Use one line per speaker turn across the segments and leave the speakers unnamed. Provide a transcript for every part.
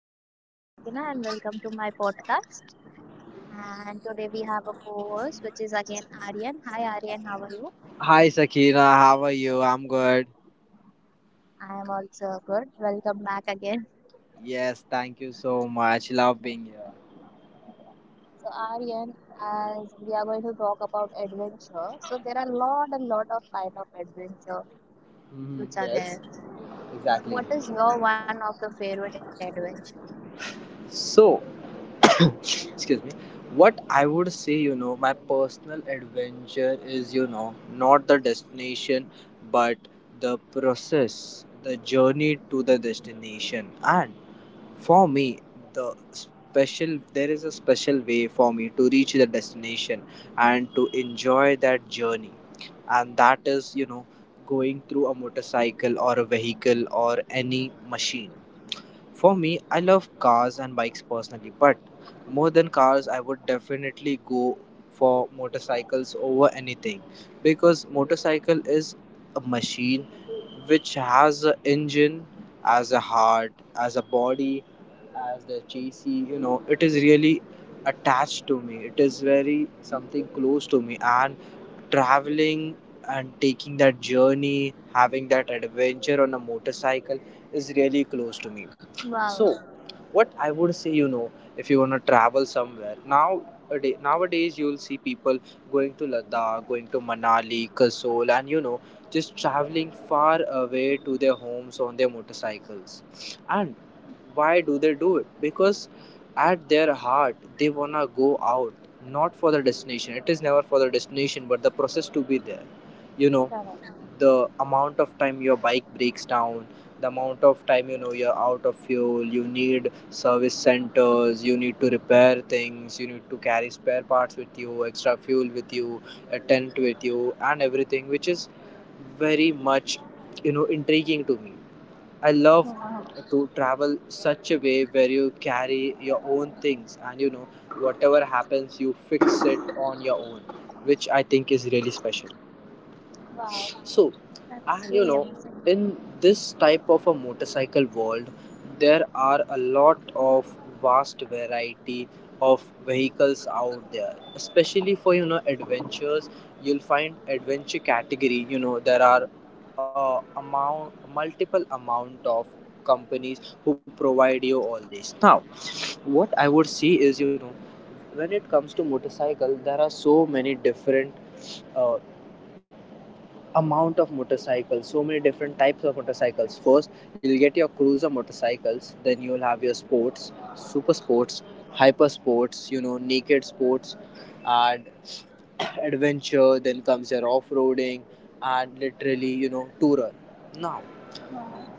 My name is Sakina, and welcome to my podcast. And today we have a co-host, which is again Aryan. Hi, Aryan, how are you?
Hi Sakina, how are you? I'm good.
I am also good. Welcome back again.
Yes, thank you so much. Love being here.
So, Aryan, as we are going to talk about adventure, so there are a lot and lot of kind of adventure
Hmm.
which are
Yes,
there. So,
exactly.
what is your one of the favorite adventure?
So, excuse me. What I would say, you know, my personal adventure is, you know, not the destination, but the process, the journey to the destination. And for me, there is a special way for me to reach the destination and to enjoy that journey. And that is, you know, going through a motorcycle or a vehicle or any machine. For me, I love cars and bikes personally, but more than cars, I would definitely go for motorcycles over anything, because motorcycle is a machine which has an engine as a heart, as a body, as the JC. You know, it is really attached to me. It is very something close to me, and traveling and taking that journey, having that adventure on a motorcycle is really close to me. So,
Wow.
what I would say, you know, if you want to travel somewhere now. Nowadays, you'll see people going to Ladakh, going to Manali, Kasol, and you know, just traveling far away to their homes on their motorcycles. And why do they do it? Because at their heart, they wanna go out not for the destination. It is never for the destination, but the process to be there, you know,
Chalo.
the amount of time your bike breaks down, the amount of time, you know, you're out of fuel, you need service centers, you need to repair things, you need to carry spare parts with you, extra fuel with you, a tent with you, and everything, which is very much, you know, intriguing to me. I love
Wow.
to travel such a way where you carry your own things and, you know, whatever happens you fix it on your own, which I think is really special.
Wow,
So,
that's
and you
really
know,
amazing.
in this type of a motorcycle world, there are a lot of vast variety of vehicles out there. Especially for, you know, adventures, you'll find adventure category. You know, there are amount multiple amount of companies who provide you all this. Now, what I would see is, you know, when it comes to motorcycle, there are so many different. Uh, amount of Motorcycles, so many different types of motorcycles. First, you'll get your cruiser motorcycles, then you'll have your sports, super sports, hyper sports, you know, naked sports, and adventure, then comes your off-roading and literally, you know, tourer. Now,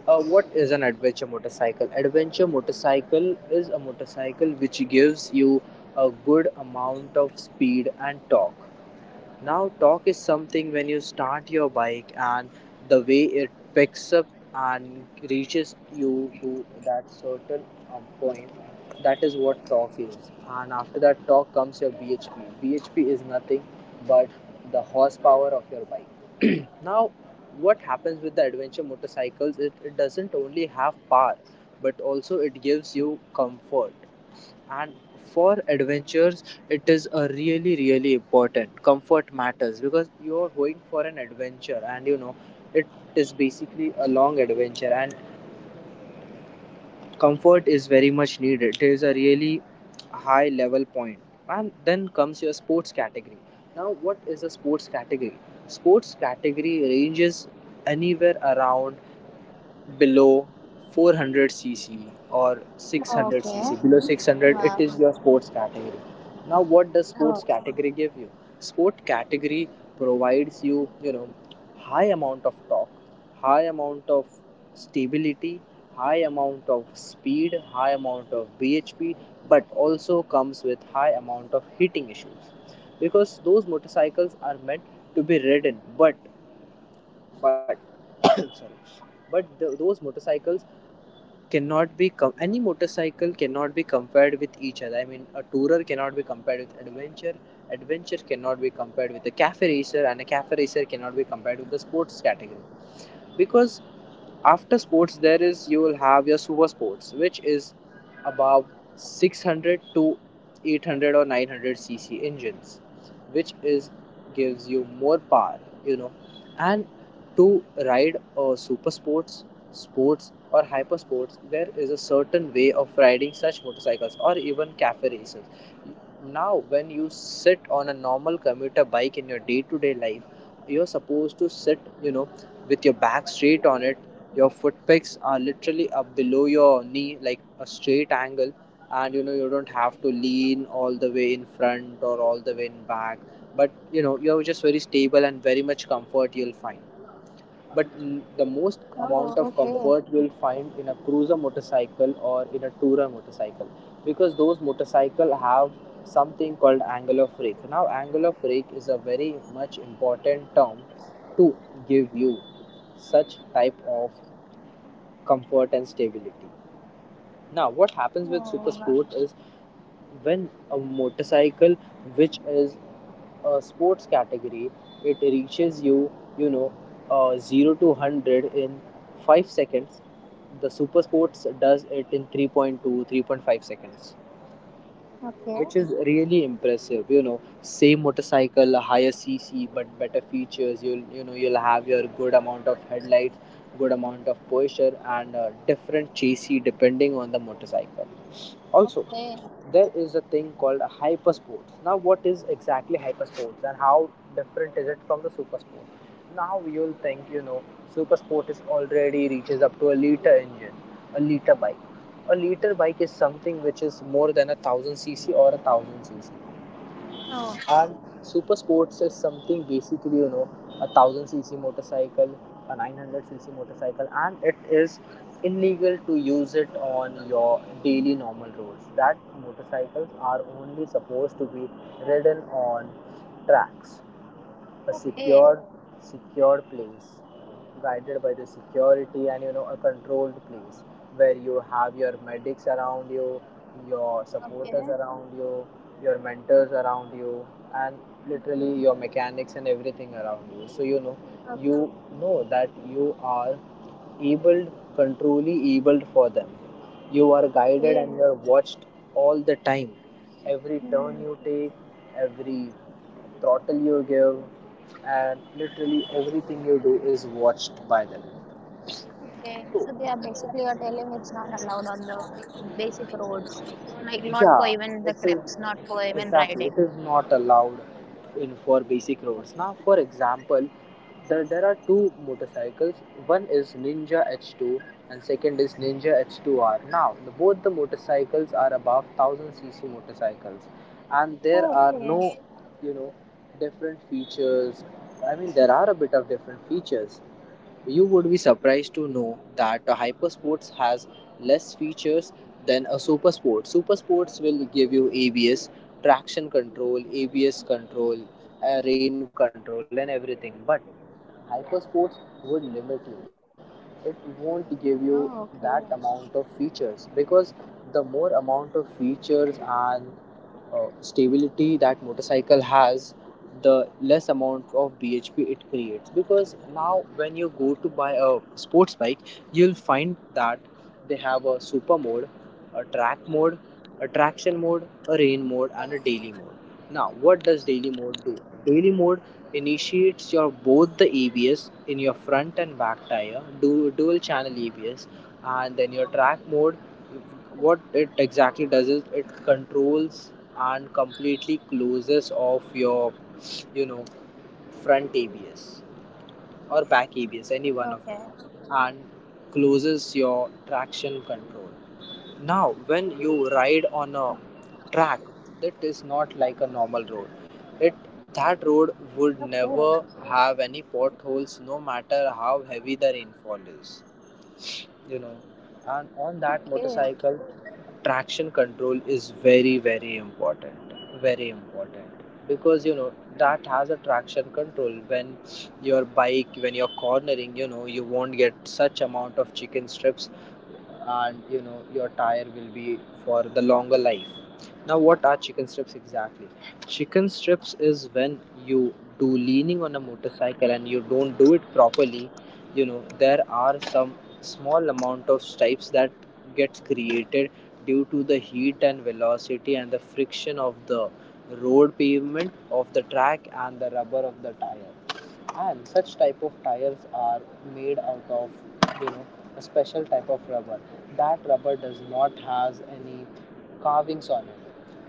what is an adventure motorcycle? Adventure motorcycle is a motorcycle which gives you a good amount of speed and torque. Now, torque is something when you start your bike and the way it picks up and reaches you to that certain point. That is what torque is. And after that torque comes your BHP. BHP is nothing but the horsepower of your bike. Now, what happens with the adventure motorcycles? It doesn't only have power, but also it gives you comfort, and for adventures it is a really really important. Comfort matters because you're going for an adventure, and you know it is basically a long adventure, and comfort is very much needed. It is a really high level point. And then comes your sports category. Now, what is a sports category? Sports category ranges anywhere around below 400cc or
Okay.
600cc. Below 600, it
Wow.
is your sports category. Now what does sports
Oh.
category give you? Sport category provides you, you know, high amount of torque, high amount of stability, high amount of speed, high amount of BHP, but also comes with high amount of heating issues, because those motorcycles are meant to be ridden, but sorry but th- those motorcycles cannot be any motorcycle cannot be compared with each other. I mean, a tourer cannot be compared with adventure. Adventure cannot be compared with a cafe racer, and a cafe racer cannot be compared with the sports category, because after sports there is, you will have your super sports, which is above 600 to 800 or 900 cc engines, which is gives you more power, you know. And to ride a super sports, sports or hyper sports, there is a certain way of riding such motorcycles or even cafe races. Now when you sit on a normal commuter bike in your day-to-day life, you're supposed to sit, you know, with your back straight on it, your foot pegs are literally up below your knee, like a straight angle, and you know you don't have to lean all the way in front or all the way in back. But you know you're just very stable and very much comfort you'll find. But the most
Oh, okay.
amount of comfort you'll find in a cruiser motorcycle or in a tourer motorcycle, because those motorcycle have something called angle of rake. Now, angle of rake is a very much important term to give you such type of comfort and stability. Now, what happens with super
Oh,
sport is when a motorcycle, which is a sports category, it reaches you, you know, 0 to 100 in 5 seconds. The super sports does it in 3.2, 3.5 seconds,
okay,
which is really impressive, you know. Same motorcycle, higher cc, but better features. You'll, you know, you'll have your good amount of headlights, good amount of posture, and different chassis depending on the motorcycle. Also,
okay.
there is a thing called a hyper sports. Now, what is exactly hyper sports and how different is it from the super sport? Now, you'll think, you know, super sport is already reaches up to a liter engine, a liter bike. A liter bike is something which is more than a thousand cc or a thousand cc.
Oh,
Super Sports is something basically, you know, a 1000 cc motorcycle, a 900 cc motorcycle, and it is illegal to use it on your daily normal roads. That motorcycles are only supposed to be ridden on tracks, a secure
okay,
secure place guided by the security, and you know a controlled place where you have your medics around you, your supporters
okay,
around
okay,
you, your mentors around you, and literally your mechanics and everything around you, so you
o-
know that you are abled, controlly abled for them. You are guided and you
okay.
are watched all the time, every turn you
Hmm.
take, every throttle you give, and literally everything you do is watched by them.
Okay. So they are basically you're telling it's not allowed on the basic roads, like not for
Yeah,
even the
it's a,
trips, not for even
exactly.
riding.
It is not allowed in for basic roads. Now,
Okay.
for example, there are two motorcycles. One is Ninja H2 and second is Ninja H2R. Now, the, both the motorcycles are above 1000 cc motorcycles, and there
Oh,
are no,
okay.
you know, different features. I mean, there are a bit of different features. You would be surprised to know that a hypersports has less features than a super sport. Super sports will give you ABS, traction control, ABS control, rain control, and everything. But hypersports would limit you. It won't give you
Oh, okay.
that amount of features, because the more amount of features and stability that motorcycle has, the less amount of BHP it creates. Because now when you go to buy a sports bike, you'll find that they have a super mode, a track mode, a traction mode,
Correct.
a rain mode, and a daily mode. Now what does daily mode do? Daily mode initiates your both the ABS in your front and back tire, dual channel ABS. And then your track
Correct.
mode, what it exactly does is it controls and completely closes off your, you know, front ABS or back
Okay.
ABS, any one of them, and closes your traction control. Now, when you ride on a track that is not like a normal road, it that
Okay.
road would never have any potholes no matter how heavy the rainfall is you know
Okay.
and on that motorcycle traction control is very, very important because that has a traction control when you're cornering you won't get such amount of chicken strips. And your tire will be for the longer life. Now, what are chicken strips exactly? Chicken strips is when you do leaning on a motorcycle and you don't do it properly. There are some small amount of stripes that gets created due to the heat and velocity and the friction of the road pavement of the track and the rubber of the tire. And such type of tires are made out of you know a special type of rubber. That rubber does not has any carvings on it.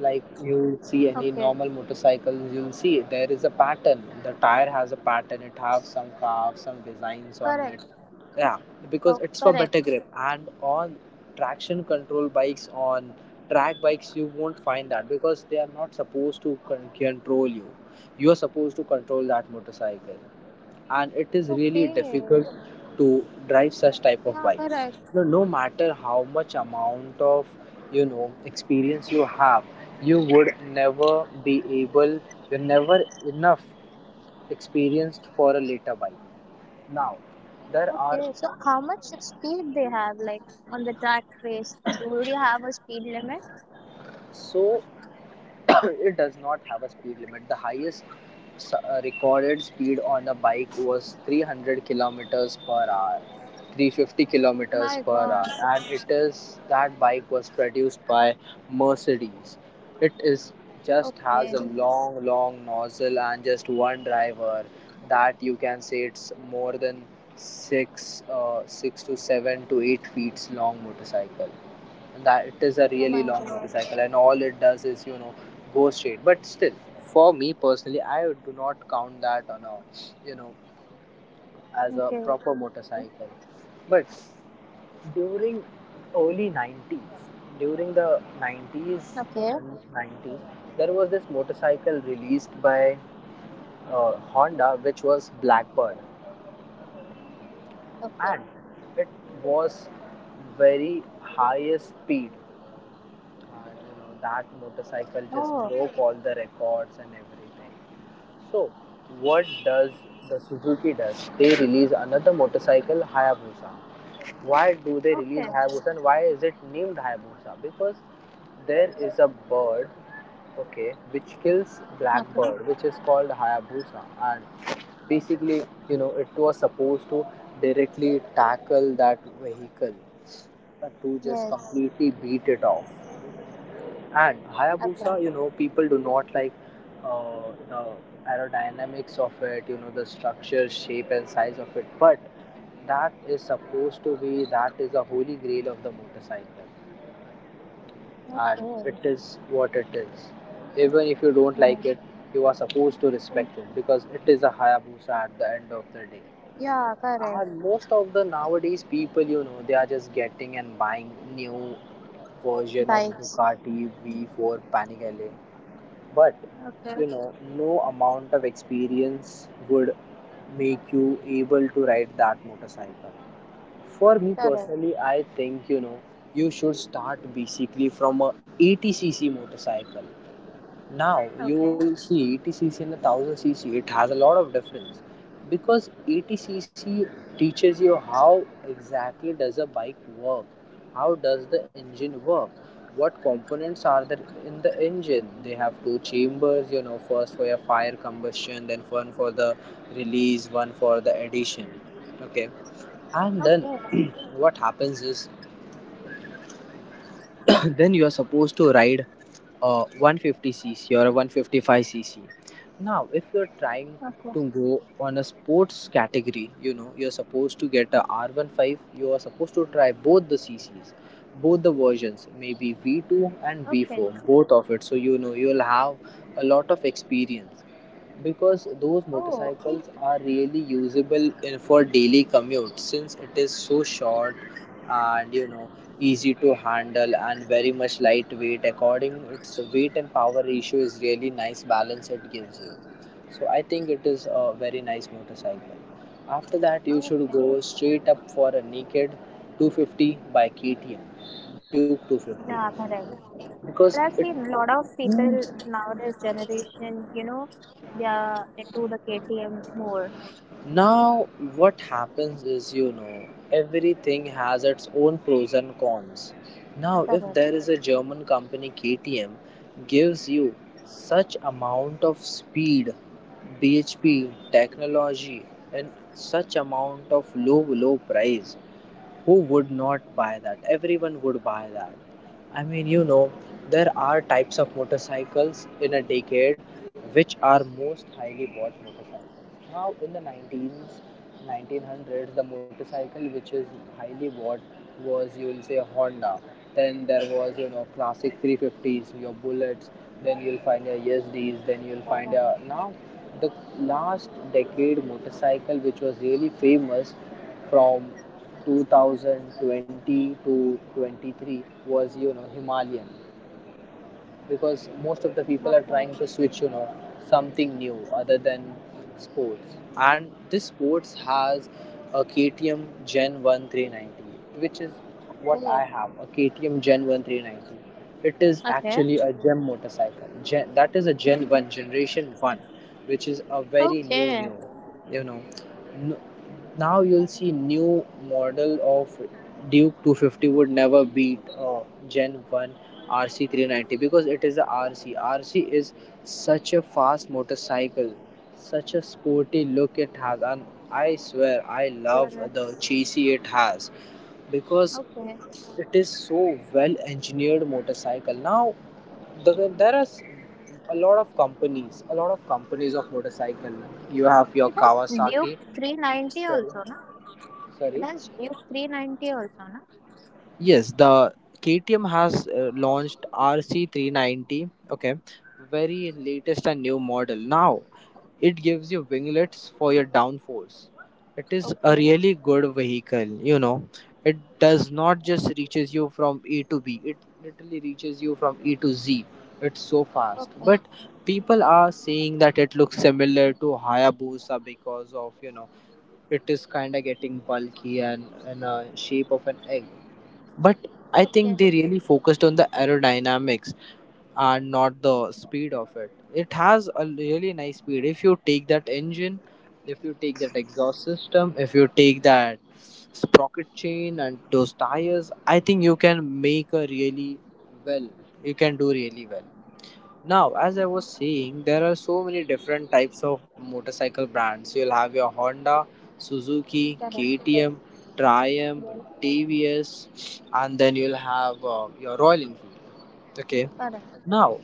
Like
Okay.
you see any normal motorcycles, you'll see there is a pattern. The tire has a pattern. It has some carves, some
Correct.
designs on it.
Oh,
Yeah,
correct.
because it's for better grip. And on traction control bikes, on track bikes, you won't find that because they are not supposed to control you. You are supposed to control that motorcycle. And it
Okay.
is really difficult to drive
Yeah,
such type
correct.
of bikes. No, no matter how much amount of experience you have, you would never be able you're never enough experienced for a later bike. Now
Okay, so
there
how
are
much speed they have, like on the track race? Do you have a speed limit?
so It does not have a speed limit. The highest recorded speed on a bike was 300 kilometers per hour,
My God.
350 kilometers per hour, and it is that bike was produced by Mercedes. It is
Okay.
just has a long, long nozzle and just one driver. That you can say it's more 6 to 7 to 8 feet long motorcycle. That
Oh
is a
my
really
God.
long motorcycle, and all it does is go straight. But still, for me personally, I do not count that on a you know as
Okay.
a proper motorcycle. But during early 90s, during the
Okay.
90s and 90s, there was this motorcycle released by Honda, which was Blackbird.
Okay.
And it was very highest speed. That motorcycle
Oh.
just broke all the records and everything. So, what does the Suzuki does? They release another motorcycle, Hayabusa. Why do they
Okay.
release Hayabusa and why is it named Hayabusa? Because there is a bird, okay, which kills
Okay.
Blackbird, which is called Hayabusa. And basically, it was supposed to directly tackle that vehicle to just
Yes.
completely beat it off. And Hayabusa,
Okay.
people do not like the aerodynamics of it, the structure, shape, and size of it. But that is supposed to be, that is the holy grail of the motorcycle. And
Okay.
it is what it is. Even if you don't
My.
like it, you are supposed to
Mm.
respect it because it is a Hayabusa at the end of the day.
Yeah. Correct.
And most of the nowadays people, they are just getting and buying new version of
Bikes.
Ducati V4 Panigale. But
Okay.
no amount of experience would make you able to ride that motorcycle. For me
Correct.
personally, I think you should start basically from a 80cc motorcycle. Now, you
Okay.
will see 80cc and 1000cc, it has a lot of difference because 80cc teaches you how exactly does a bike work, how does the engine work, what components are there in the engine. They have two chambers, first for your fire combustion, then one for the release, one for the addition. Okay,
Okay.
and then what happens is then you are supposed to ride 150cc or a 155cc. Now, if you're trying
Okay.
to go on a sports category, you're supposed to get a R15. You are supposed to try both the cc's, both the versions, maybe V2 and
Okay.
V4, both of it, so you'll have a lot of experience. Because those
Oh.
motorcycles are really usable in for daily commute since it is so short. And easy to handle and very much lightweight, according its weight and power ratio is really nice balance it gives you. So I think it is a very nice motorcycle. After that you should
Okay.
go straight up for a naked 250 by KTM Duke 250
Yeah. Correct.
because
But
it
I've seen a lot of people nowadays generation, you know, they are into the KTM more.
Now, what happens is, everything has its own pros and cons. Now, if there
Correct.
is a German company KTM gives you such amount of speed, BHP technology, and such amount of low price, who would not buy that? Everyone would buy that. I mean, there are types of motorcycles in a decade which are most highly bought motorcycles. Now, in the 19s, 1900s, the motorcycle which is highly bought was, you will say, a Honda. Then there was, classic 350s, your bullets, then you'll find your ESDS, then you'll find a
Correct.
now the last decade motorcycle which was really famous from 2020 to 23 was Himalayan. Because most of the people are trying to switch, something new other than sports. And this sports has a KTM Gen 1 390, which is
Okay.
what I
Okay.
have a KTM Gen 1 390. It is
Okay.
actually a gem motorcycle. Gen, that is a Gen 1, Generation 1, which is a very new, new,
Okay.
you know. No, now you'll see new model of Duke 250 would never beat Gen one RC 390 because it is a RC. RC is such a fast motorcycle, such a sporty look it has, and I swear I love
Correct. Correct.
the chassis it has because
Okay.
it is so well engineered motorcycle. Now, there are a lot of companies of motorcycle. You have your
It has
Kawasaki.
Duke 390
Sorry.
also, no?
Sorry.
It has Duke 390 also, no?
Yes, the KTM has launched RC390, okay, very latest and new model. Now, it gives you winglets for your downforce. It is a really
Okay.
good vehicle, you know. It does not just reaches you from A to B. It literally reaches you from A to Z. It's so fast.
Okay.
But people are saying that it looks similar to Hayabusa because of, it is kind of getting bulky and in a shape of an egg. But I think
Okay.
they really focused on the aerodynamics and not the speed of it. It has a really nice speed. If you take that engine, if you take that exhaust system, if you take that sprocket chain and those tires, I think you can make a really well. You can do really well. Now, as I was saying, there are so many different types of motorcycle brands. You'll have your Honda, Suzuki,
Correct.
KTM, Triumph,
Yes.
TVS, and then you'll have your Royal Enfield. Okay,
Correct.
now,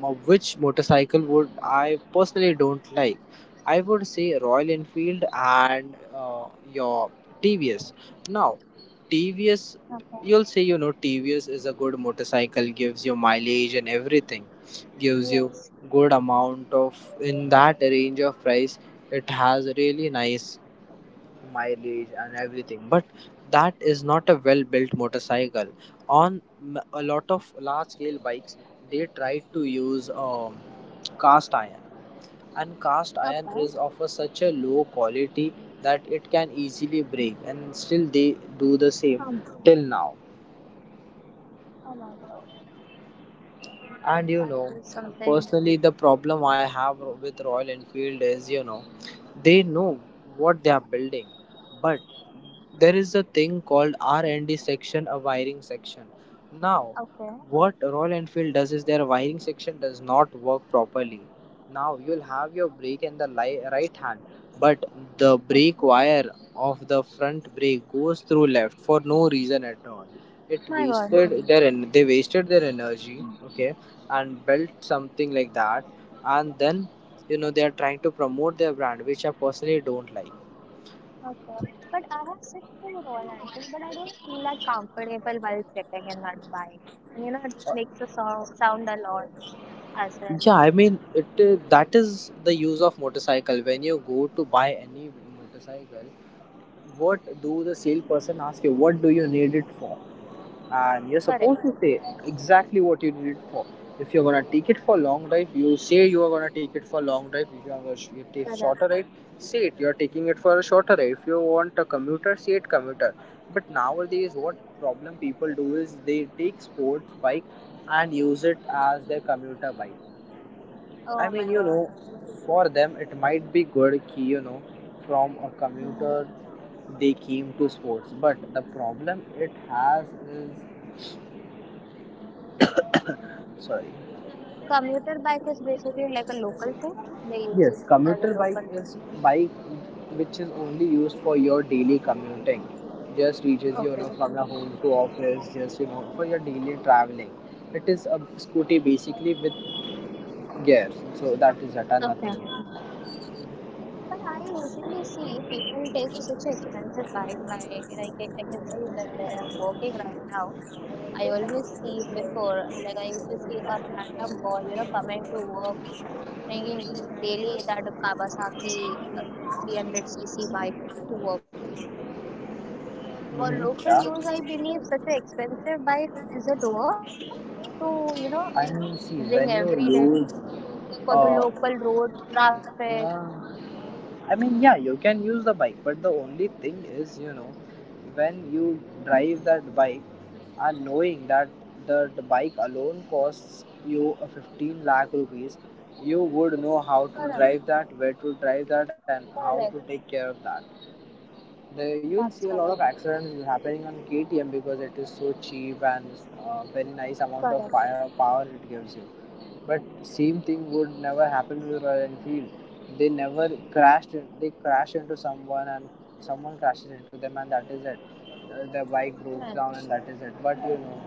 which motorcycle would I personally don't like? I would say Royal Enfield and your TVS. Now, TVS,
Okay.
you'll say TVS is a good motorcycle, gives you mileage and everything, gives you
Yes.
good amount of in that range of price. It has really nice mileage and everything, but that is not a well built motorcycle. On a lot of large scale bikes, they try to use cast iron, and cast iron
Okay.
is such a low quality that it can easily break, and still they do the
Um,
same till now.
Oh my god,
And
that is something.
personally, the problem I have with Royal Enfield is, they know what they are building, but there is a thing called R&D section, a wiring section. Now,
Okay.
what Royal Enfield does is their wiring section does not work properly. Now, you'll have your brake in the right hand, but the
Okay.
brake wire of the front brake goes through left for no reason at all. It
My God.
wasted their en- They wasted their energy. Okay, and built something like that, and then they are trying to promote their brand, which I personally don't like.
Okay. But I have sit to Royal Enfield, but I don't feel that comfortable while sitting in that bike. And you know, it makes a so sound a lot as well.
Yeah, I mean it that is the use of motorcycle. When you go to buy any motorcycle, what do the salesperson ask you? What do you need it for? And you're
Correct.
supposed to say exactly what you did it for. If you're gonna take it for long drive, you say you are gonna take it for long drive. If you take shorter
Correct.
ride, say it you're taking it for a shorter ride. If you want a commuter, say it commuter. But nowadays what problem people do is they take sports bike and use it as their commuter bike.
Oh
I
my
mean,
God.
for them it might be good key, from a
Hmm.
commuter they came to sports, but the problem it has is
Uh,
sorry.
commuter bike is basically like a local thing. They use
Yes,
it as
commuter
a
bike
local
is
thing.
bike which is only used for your daily commuting. Just reaches you, you know
Okay.
from your home to office, just for your daily traveling. It is a scooty basically with gears, so that is it and
Okay.
nothing else.
But I usually see people take such expensive bike. My like I can tell you that where I'm working right now, I always see before like I used to see a random boy, you know, coming to work, bringing daily that Kawasaki 300 cc bike to work. For
Hmm.
local
Yeah,
use, I believe such an expensive bike is a door to you know
I mean, see
bring
when you
every day
use
for the
uh,
local roads, traffic.
yeah. I mean, yeah, you can use the bike, but the only thing is, when you drive that bike and knowing that the bike alone costs you a 15 lakh rupees, you would know how to
Correct.
drive that, where to drive that, and how to
Correct.
take care of that. You'll see a
That's
lot of
correct.
accidents happening on KTM because it is so cheap and very nice amount of
Correct.
fire power it gives you. But same thing would never happen to the Royal Enfield. They never crashed. They crash into someone, and someone crashes into them, and that is it. Their bike broke down, and
Sure.
that is it. But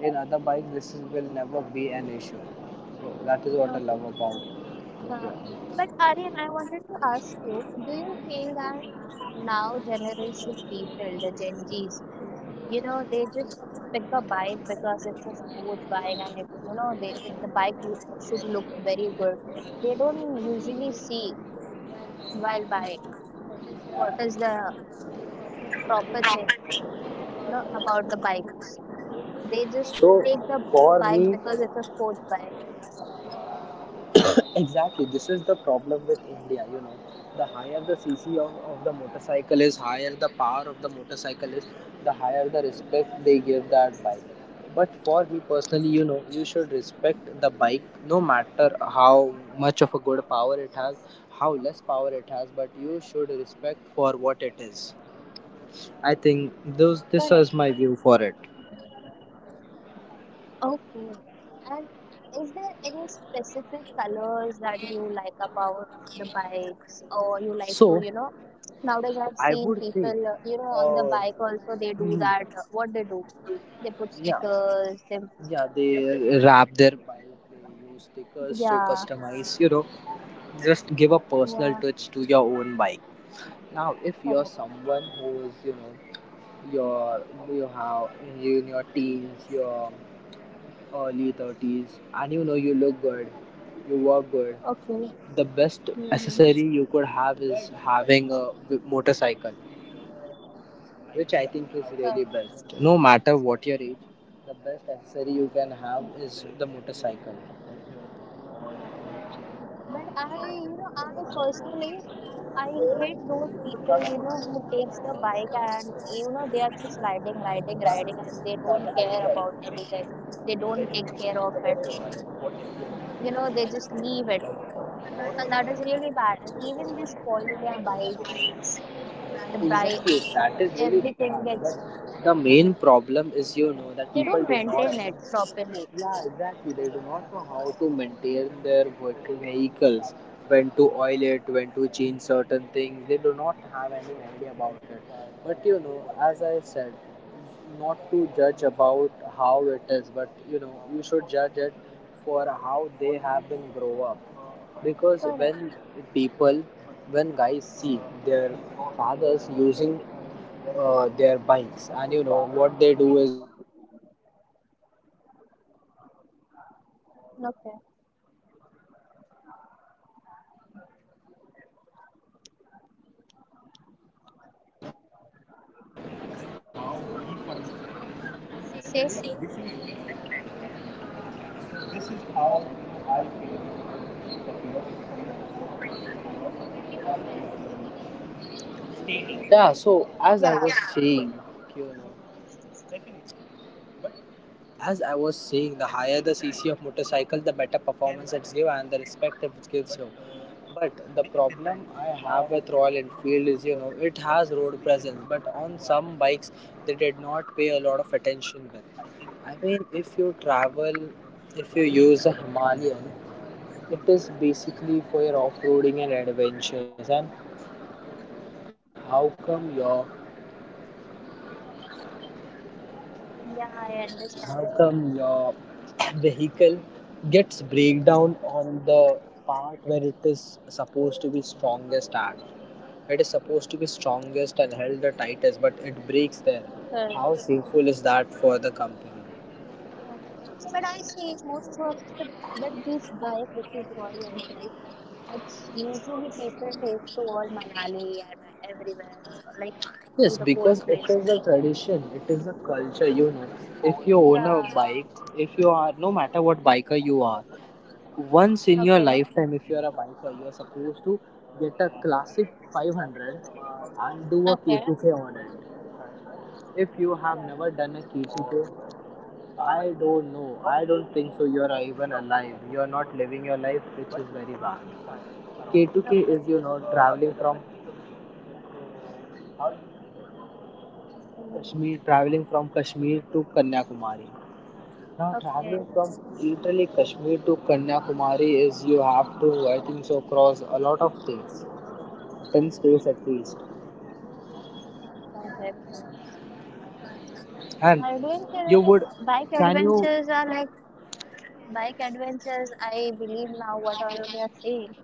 in other bikes, will never be an issue. So that is what I
Okay.
love about
Uh,
Tokyo.
but Aryan, I wanted to ask you, do you feel that now generation people, the Gen Zs, you know, they just pick a bike because it's a sports bike and it, you know, they it, the bike you, should look very good. They don't usually see while buying what is the proper thing, you know, about the bikes. They just
So
take the
for
bike because
me,
it's a sports bike.
Exactly, this is the problem with India. The higher the cc of the motorcycle is, higher the power of the motorcycle is, the higher the respect they give that bike. But for me personally, you know, you should respect the bike no matter how much of a good power it has, how less power it has, but you should respect for what it is. I think
Correct.
those this is my view for it.
Okay. And is there any specific colors that you like about the bikes or you like to, you know,
So
nowadays I've seen
I would
people,
say,
you know, on the bike
uh,
also they do that.
hmm,
What they do? They put
yeah,
stickers, they
Yeah, they wrap their bike, they use stickers so
yeah,
customize, you know, just give a
yeah,
personal touch to your own bike. Now, if
correct.
you're someone who is, you know, your you have you in your teens, your early 30s, and you know you look good, you work good,
Okay.
the best
Mm-hmm.
accessory you could have is having a motorcycle, which I think is
Correct.
really best. No matter what your age, the best accessory you can have is the motorcycle.
Okay. But I, you know, I personally, I hate those people, you know, who takes the bike and, you know, they are just riding, riding, riding, and they don't care about anything. They don't take care of it. You know, they just leave it. And that is really bad. And even these Polya bikes, the bike,
Exactly, that is really
everything
bad.
gets,
But the main problem is, you know, that
they
people
don't
do not
maintain it
know.
properly.
Yeah, exactly. They do not know how to maintain their working vehicles, when to oil it, when to change certain things. They do not have any idea about it. But you know, as I said, not to judge about how it is, but you know, you should judge it for how they have been grow up. Because
Correct.
when people, when guys see their fathers using their bikes, and you know what they do.
Okay. See? Twenty-
Yeah, so as I was saying, the higher the CC of motorcycle, the better performance it gives and the respect it gives you. But the problem I have with Royal Enfield is, you know, it has road presence, but on some bikes they did not pay a lot of attention with. I mean, if you use a Himalayan, it is basically for your off-roading and adventures. And how come your
Yeah, I
how
understand.
come your vehicle gets breakdown on the part where it is supposed to be strongest at? It is supposed to be strongest and held the tightest, but it breaks there.
Correct.
Shameful is that for the company?
Mhm. But I see most of the but this bike which is Royal Enfield, it's usually people take to all Manali and everywhere, like to
Yes,
the cold
because it
places.
is a tradition, it is a culture, you know. If you own a
Yeah.
bike, if you are, no matter what biker you are, once in your
Okay.
lifetime if you're a biker you're supposed to get a classic 500 and do a
Okay.
k2k on it. If you have
Alright.
never done a k2k, I don't know, I don't think so you're even alive, you're not living your life, which is very bad. K2k is,
Okay.
you know, traveling from
Mm.
traveling from Kashmir to Kanyakumari. Now, traveling
Okay.
from literally Kashmir to Kanyakumari is you have to, I think so, cross a lot of things. 10 stays at least.
Got it.
And
I didn't
you
realize
would,
bike
can you?
adventures are like bike adventures, I believe now what all of you are saying,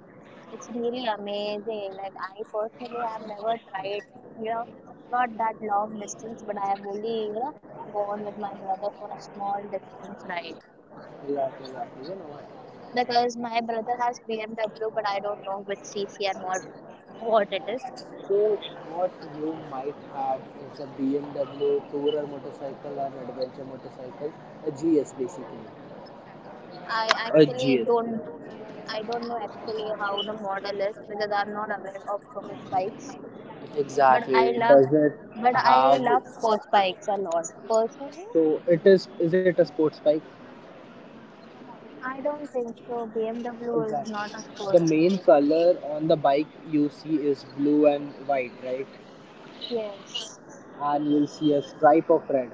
it's really amazing. Like I personally have never tried, you know, not that long distance, but I have only, you know, gone with my brother for a small distance ride.
Yeah, yeah, yeah. You know what?
Because my brother has BMW, but I don't know which CC and what it is.
So, what you might have is a BMW Tourer motorcycle or adventure motorcycle, a GS basically.
I
A
actually
GS.
don't I don't know actually how the model is because I'm not aware of so much bikes. But
Exactly.
I
It
love,
doesn't
but I
have.
love sports bikes a lot. Personally,
So, it is. Is it a sports bike?
I don't think so. BMW is
Exactly.
not a sports
The main
bike.
color on the bike you see is blue and white, right?
Yes,
And you'll see a stripe of red.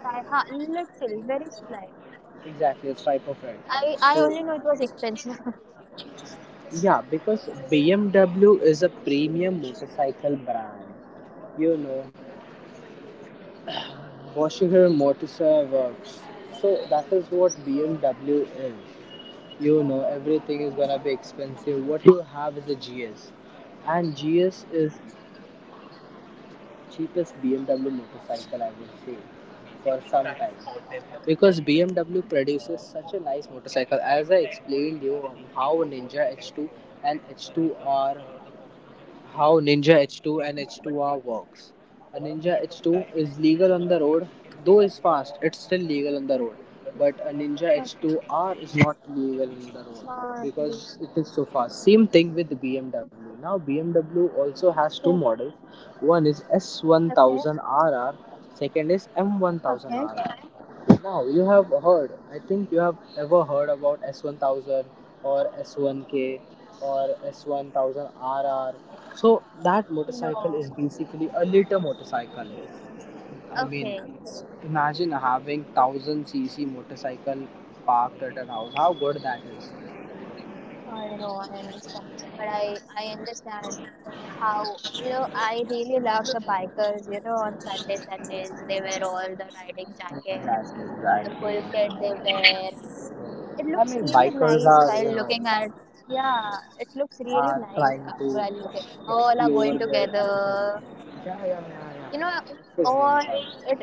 I ha little, very slight.
Exactly, a stripe of red.
I only
So
know it was expensive.
yeah, because BMW is a premium motorcycle brand. You know, Boschger Motorcycle Works. So that is what BMW is. You know, everything is gonna be expensive. What you have is a GS, and GS is cheapest BMW motorcycle I would say for some time because BMW produces such a nice motorcycle. As I explained you on how Ninja H2 and H2R how Ninja H2 and H2R works. A Ninja H2 is legal on the road, though it's fast, it's still legal on the road. But a Ninja
Okay,
H2R is not legal on the road
not really.
because it is so fast. Same thing with BMW. Now BMW also
Okay,
has two models. One is
okay,
S1000RR, second is
okay.
M1000RR. Now, you have heard, I think you have ever heard about S1000 or S1K or S1000RR. So, that
No,
motorcycle is basically a liter motorcycle. I
okay.
mean, imagine having 1000cc motorcycle parked at an house. How good that is.
I know, I understand. But I understand how, you know, I really love the bikers, you know, on Sundays, they wear all the riding
Exactly,
jackets, the full
exactly.
kit they wear. It
I
looks
mean,
really
bikers
nice
are,
while
you know,
looking at, yeah, it looks
are
really nice
trying to
while looking. All are
explore
going
their applications.
together.
Yeah, yeah, yeah,
You know,
yeah. This is really
all,
fun.
it,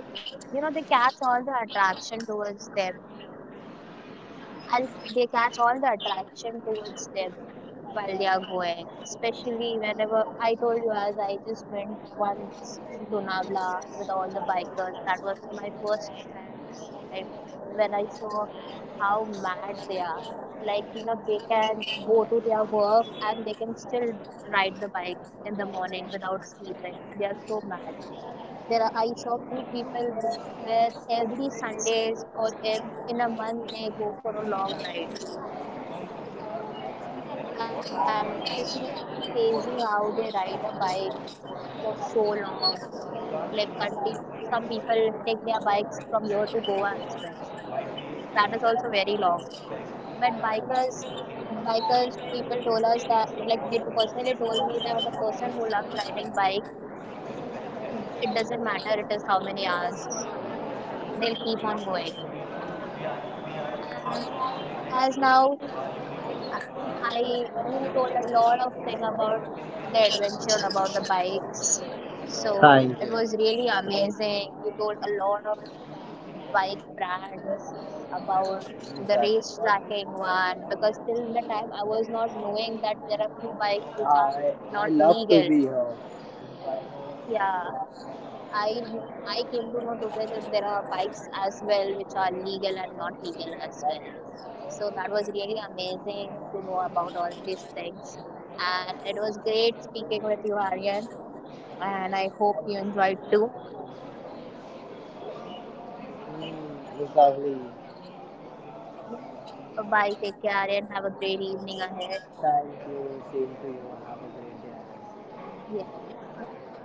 you know, they catch all the attraction towards them. I'll, they catch all the attraction towards them while they are going. Especially whenever I told you, as I just went once to Lonavala with all the bikers. That was my first time when I saw how mad they are. Like, you know, they can go to their work and they can still ride the bike in the morning without sleeping. They are so mad. There are, I saw few people where every Sundays or in a month they go for a long ride and it's really crazy how they ride a bike for so long. Like continue. Some people take their bikes from here to Goa as well. That is also very long. But bikers, people told us that, like they personally told me that the person who loves riding bike, it doesn't matter it is how many hours, they'll keep on going. And as now I you told a lot of thing about the adventure, about the bikes. So it
Thank
was
you.
really amazing. You told a lot of bike brands about the
Exactly.
race tracking one because till the time I was not knowing that there are few bikes which are
I
not
love to
legal.
be here.
Yeah, I I came to know today that there are bikes as well which are legal and not legal as well. So that was really amazing to know about all these things. And it was great speaking with you, Aryan. And I hope you enjoyed too.
Mm, exactly.
Yes. Bye. Take care, Aryan. Have a great evening
Thank
ahead.
you. Same to you. Have a great day.
Yes. Bye bye.